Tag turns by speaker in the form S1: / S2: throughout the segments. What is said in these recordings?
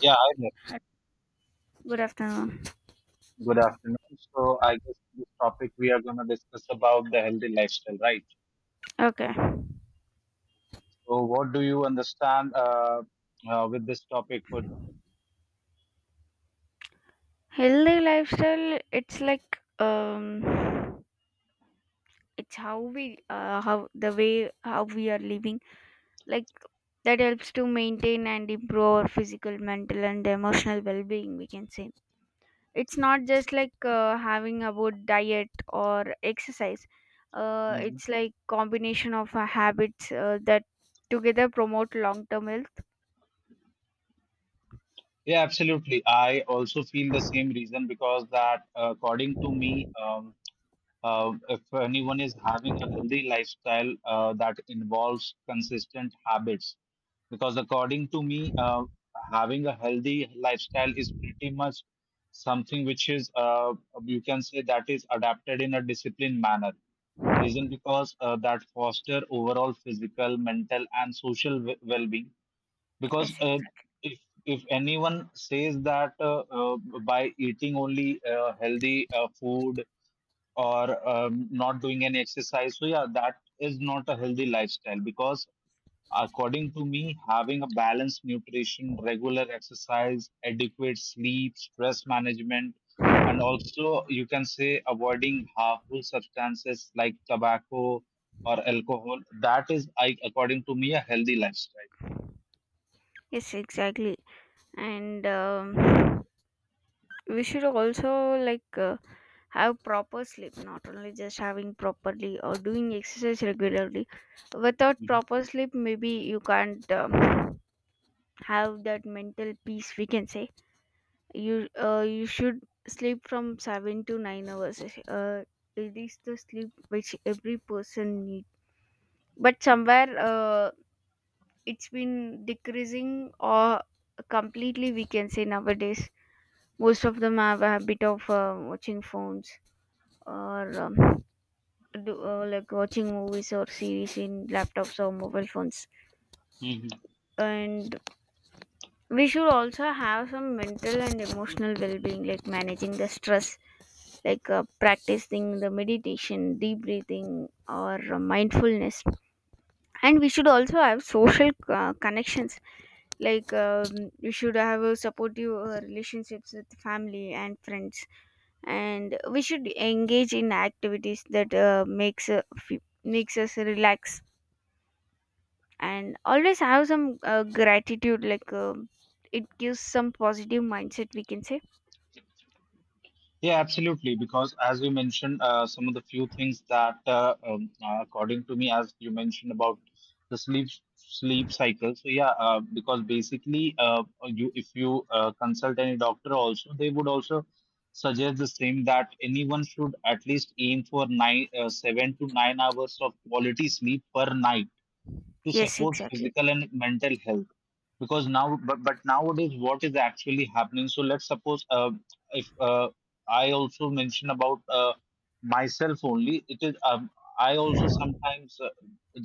S1: Yeah, hi there.
S2: Good afternoon.
S1: Good afternoon. So I guess in this topic we are going to discuss about the healthy lifestyle, right?
S2: Okay.
S1: So what do you understand with this topic for this
S2: Healthy lifestyle, it's like it's how we how the way how we are living like that helps to maintain and improve our physical, mental and emotional well-being we can say. It's not just like having about diet or exercise.
S1: season?
S2: It's like combination of habits that together promote long-term health.
S1: Yeah, absolutely. I also feel the same reason because that according to me, if anyone is having a healthy lifestyle that involves consistent habits, because according to me, having a healthy lifestyle is pretty much something which is, you can say, that is adapted in a disciplined manner. Reason because that foster overall physical, mental, and social well-being. Because
S2: Yes, exactly.
S1: if if anyone says that by eating only healthy food or not doing any exercise. So, yeah, that is not a healthy lifestyle because, according to me, having a balanced nutrition, regular exercise, adequate sleep, stress management, and also you can say avoiding harmful substances like tobacco or alcohol, that is, I, according to me, a healthy lifestyle.
S2: Yes, exactly. And we should also have proper sleep, not only just having properly or doing exercise regularly. Without
S1: Mhm.
S2: proper sleep maybe you can't have that mental peace we can say. You should sleep from 7 to 9 hours. uh, it is the sleep which every person need, but somewhere it's been decreasing or completely we can say. Nowadays most of them have a habit of watching phones or like watching movies or series in laptops or mobile phones.
S1: Mhm.
S2: And we should also have some mental and emotional well-being, like managing the stress, like practicing the meditation, deep breathing or mindfulness. And we should also have social connections, like we should have a supportive relationships with family and friends, and we should engage in activities that makes us relax, and always have some gratitude, like it gives some positive mindset we can say.
S1: Yeah, absolutely. Because as you mentioned, some of the few things that, according to me, as you mentioned about the sleep cycle. So yeah, because basically, you if you consult any doctor, also they would also suggest the same that anyone should at least aim for nine, 7 to 9 hours of quality sleep per night to
S2: Yes,
S1: support
S2: exactly.
S1: physical and mental health because now but nowadays what is actually happening so let's suppose if I also mention about myself only it is I also sometimes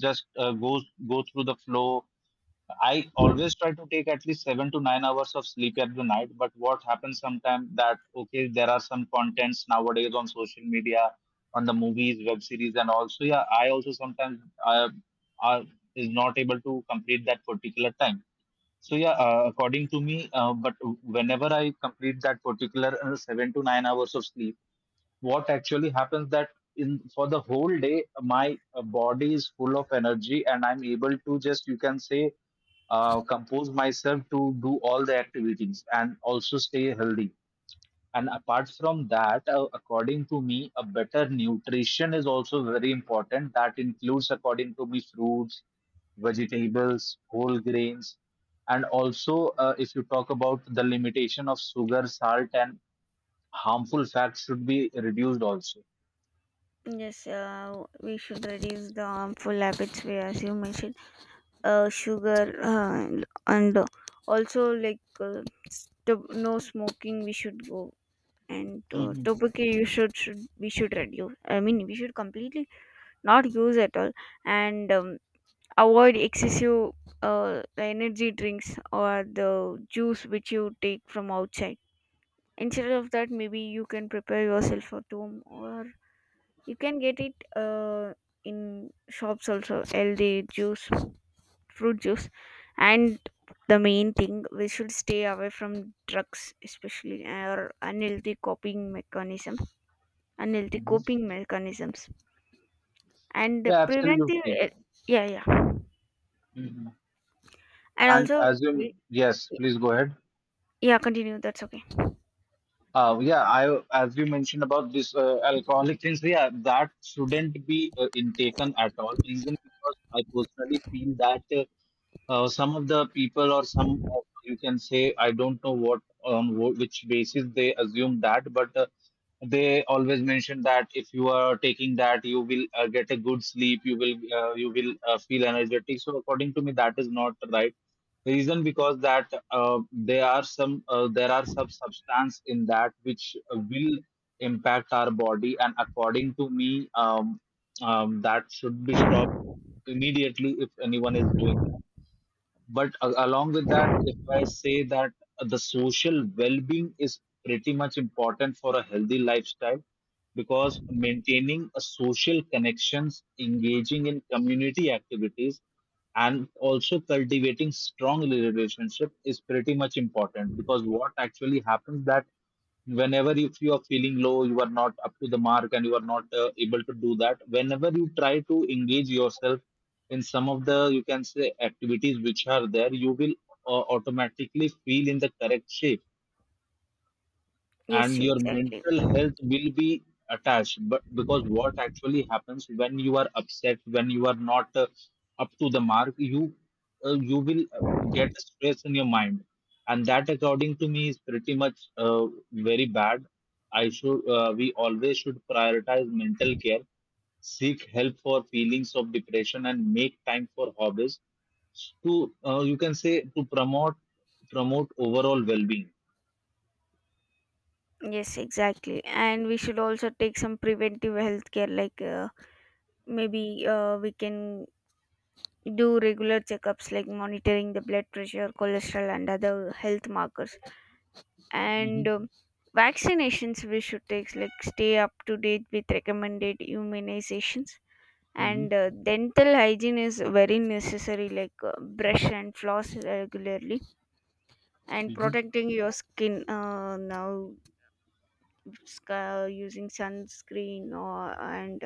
S1: just goes go through the flow. I always try to take at least 7 to 9 hours of sleep every night. But what happens sometimes that okay, there are some contents nowadays on social media, on the movies, web series, and also yeah, I also sometimes are is not able to complete that particular time. So yeah, according to me, but whenever I complete that particular 7 to 9 hours of sleep, what actually happens that in for the whole day my body is full of energy and I'm able to just you can say compose myself to do all the activities and also stay healthy. And apart from that according to me, a better nutrition is also very important, that includes according to me fruits, vegetables, whole grains, and also if you talk about the limitation of sugar, salt, and harmful fats should be reduced also.
S2: Yes, we should reduce the harmful habits, we as you mentioned, sugar, and also no smoking we should go, and
S1: Mhm,
S2: tobacco you should we should reduce, I mean we should completely not use at all. And avoid excessive energy drinks or the juice which you take from outside. Instead of that, maybe you can prepare yourself at home, or you can get it in shops also, healthy juice, fruit juice. And the main thing, we should stay away from drugs especially, or unhealthy
S1: mhm.
S2: coping mechanisms, and
S1: Yeah,
S2: preventive
S1: absolutely.
S2: yeah, yeah.
S1: Mhm.
S2: And
S1: And
S2: also
S1: as you,
S2: we-
S1: yes, please go ahead.
S2: yeah, continue, that's okay.
S1: Yeah, I as you mentioned about this alcoholic things, yeah, that shouldn't be intaken at all. Reason because I personally feel that some of the people or some of you can say I don't know what on which basis they assume that, but they always mention that if you are taking that, you will get a good sleep, you will feel energetic. So according to me, that is not right, reason because that there are some substance in that which will impact our body, and according to me that should be stopped immediately if anyone is doing. But a along with that, if I say that the social well-being is pretty much important for a healthy lifestyle, because maintaining a social connections, engaging in community activities, and also cultivating strong relationship is pretty much important. Because what actually happens that whenever if you are feeling low, you are not up to the mark, and you are not able to do that, whenever you try to engage yourself in some of the you can say activities which are there, you will automatically feel in the correct shape,
S2: Yes,
S1: and your
S2: exactly.
S1: mental health will be attached. But because what actually happens when you are upset, when you are not up to the mark, you you will get stress in your mind, and that according to me is pretty much very bad. I should We always should prioritize mental care, seek help for feelings of depression, and make time for hobbies to you can say to promote overall well-being.
S2: Yes, exactly. And we should also take some preventive health care, like maybe we can do regular checkups, like monitoring the blood pressure, cholesterol, and other health markers. And vaccinations we should take, like stay up to date with recommended immunizations.
S1: Mm-hmm.
S2: And dental hygiene is very necessary, like brush and floss regularly, and
S1: Hmm.
S2: protecting your skin. Now using sunscreen, or and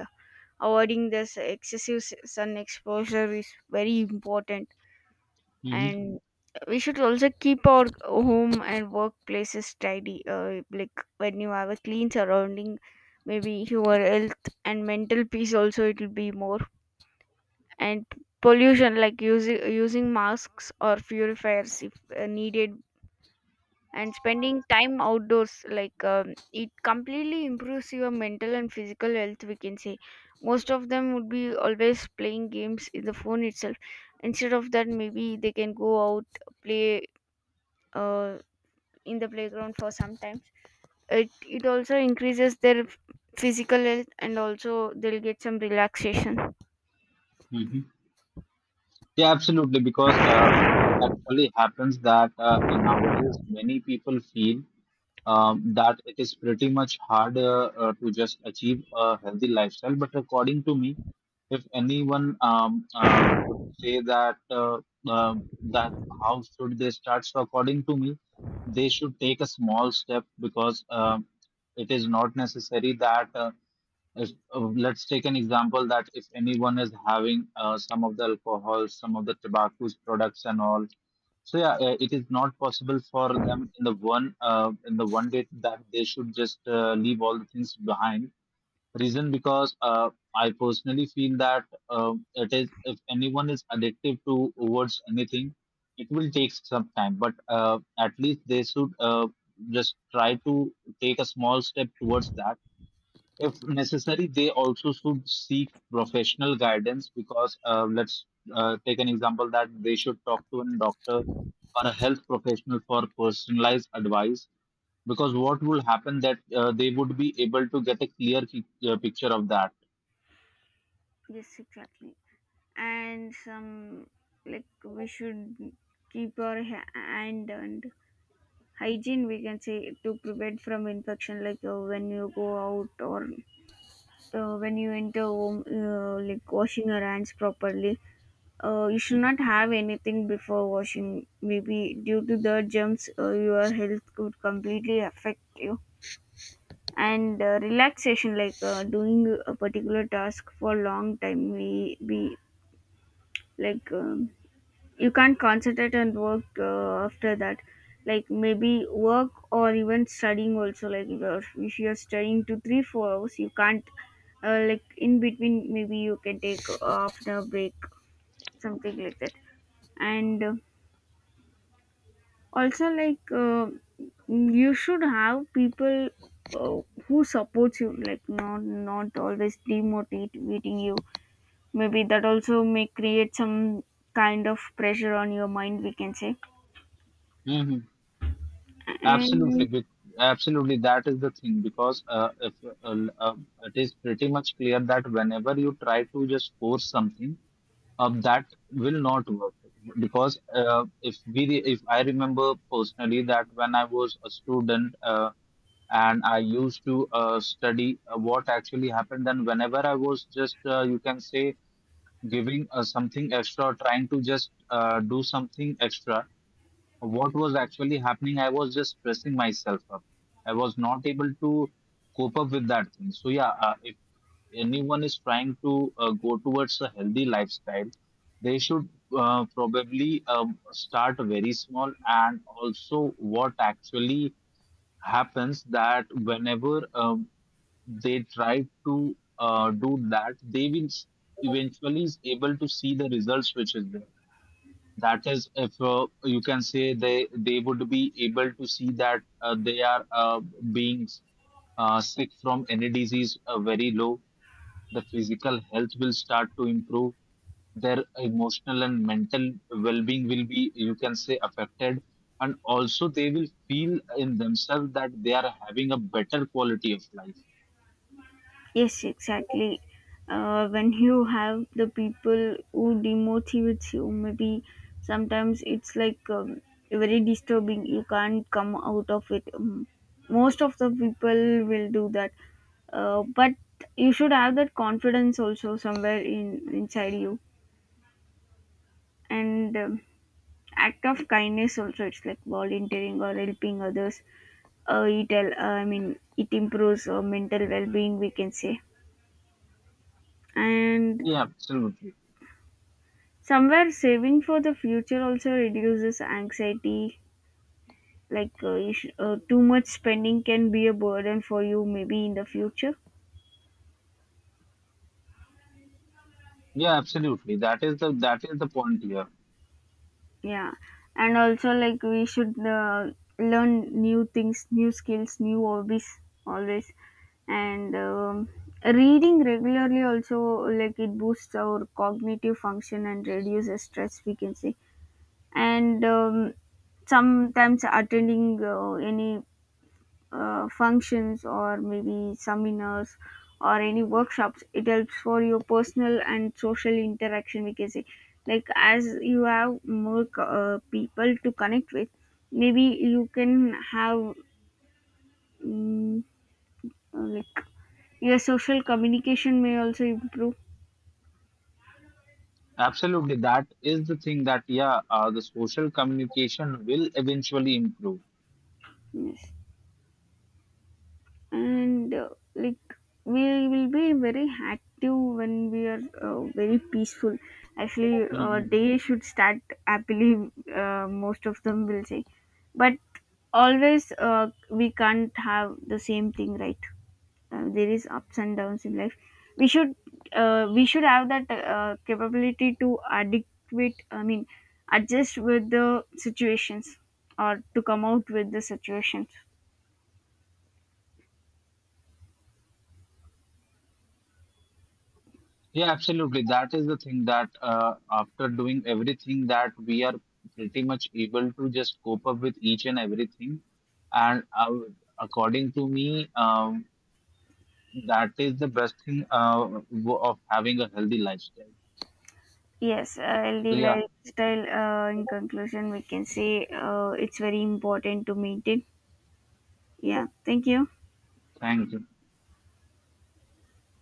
S2: avoiding this excessive sun exposure is very important.
S1: Hmm.
S2: And we should also keep our home and workplaces tidy, like when you have a clean surrounding, maybe your health and mental peace also, it will be more. And pollution, like using masks or purifiers if needed, and spending time outdoors, like it completely improves your mental and physical health we can say. Most of them would be always playing games in the phone itself. Instead of that, maybe they can go out, play, uh, in the playground for some time. It also increases their physical health, and also they'll get some relaxation.
S1: Hmm. Yeah, absolutely. Because what actually happens that nowadays many people feel that it is pretty much hard to just achieve a healthy lifestyle. But according to me, if anyone would say that that how should they start, so according to me, they should take a small step because it is not necessary that if let's take an example that if anyone is having some of the alcohol, some of the tobacco products and all. So yeah, it is not possible for them in the one day that they should just leave all the things behind. Reason because I personally feel that it is if anyone is addictive to towards anything, it will take some time. But at least they should just try to take a small step towards that. If necessary, they also should seek professional guidance, because let's take an example that they should talk to a doctor or a health professional for personalized advice. Because what will happen that they would be able to get a clear picture of that.
S2: Yes, exactly. And some, like we should keep our hand and hygiene we can say, to prevent from infection, like when you go out, or when you enter home, like washing your hands properly. You should not have anything before washing, maybe due to the germs, your health could completely affect you. And relaxation, like doing a particular task for long time may be like you can't concentrate and work after that, like maybe work or even studying also. Like if you're studying to 3, 4 hours, you can't like in between, maybe you can take after break, something like that. And also like you should have people uh, who supports you, like not always demotivating you, maybe that also may create some kind of pressure on your mind we can say.
S1: Mhm. Absolutely,
S2: And
S1: bec- absolutely. That is the thing because if uh, uh, it is pretty much clear that whenever you try to just force something, that will not work. Because if I remember personally that when I was a student and I used to study, what actually happened, then whenever I was just you can say giving something extra, trying to just do something extra, what was actually happening, I was just pressing myself up. I was not able to cope up with that thing. So yeah, if anyone is trying to go towards a healthy lifestyle, they should probably start very small. And also, what actually happens that whenever they try to do that, they will eventually is able to see the results which is there, that is, if you can say they would be able to see that they are being sick from any disease very low. The physical health will start to improve. Their emotional and mental well-being will be, you can say, affected, and also they will feel in themselves that they are having a better quality of life.
S2: yes, exactly. When you have the people who demotivates you, maybe sometimes it's like very disturbing, you can't come out of it. Most of the people will do that, but you should have that confidence also somewhere in inside you. And act of kindness also, it's like volunteering or helping others. I mean it improves mental well-being we can say. And
S1: Yeah, absolutely.
S2: somewhere saving for the future also reduces anxiety, like too much spending can be a burden for you maybe in the future.
S1: Yeah, absolutely. That is the point here.
S2: Yeah. And also like we should learn new things, new skills, new hobbies always. And reading regularly also, like it boosts our cognitive function and reduces stress we can say. And sometimes attending any functions, or maybe seminars or any workshops, it helps for your personal and social interaction we can say. Like as you have more people to connect with, maybe you can have mm, like your social communication may also improve.
S1: Absolutely, that is the thing that yeah, the social communication will eventually improve.
S2: Yes. And like, we will be very active when we are very peaceful. Actually
S1: Mhm.
S2: day should start happily, most of them will say. But always we can't have the same thing, right? There is ups and downs in life. We should uh, we should have that capability to adequate I mean adjust with the situations, or to come out with the situations.
S1: Yeah, absolutely. That is the thing that after doing everything that we are pretty much able to just cope up with each and everything. And according to me, that is the best thing of having a healthy lifestyle.
S2: Yes,
S1: So
S2: healthy
S1: yeah,
S2: lifestyle. In conclusion, we can say it's very important to maintain. Yeah, thank you.
S1: thank you.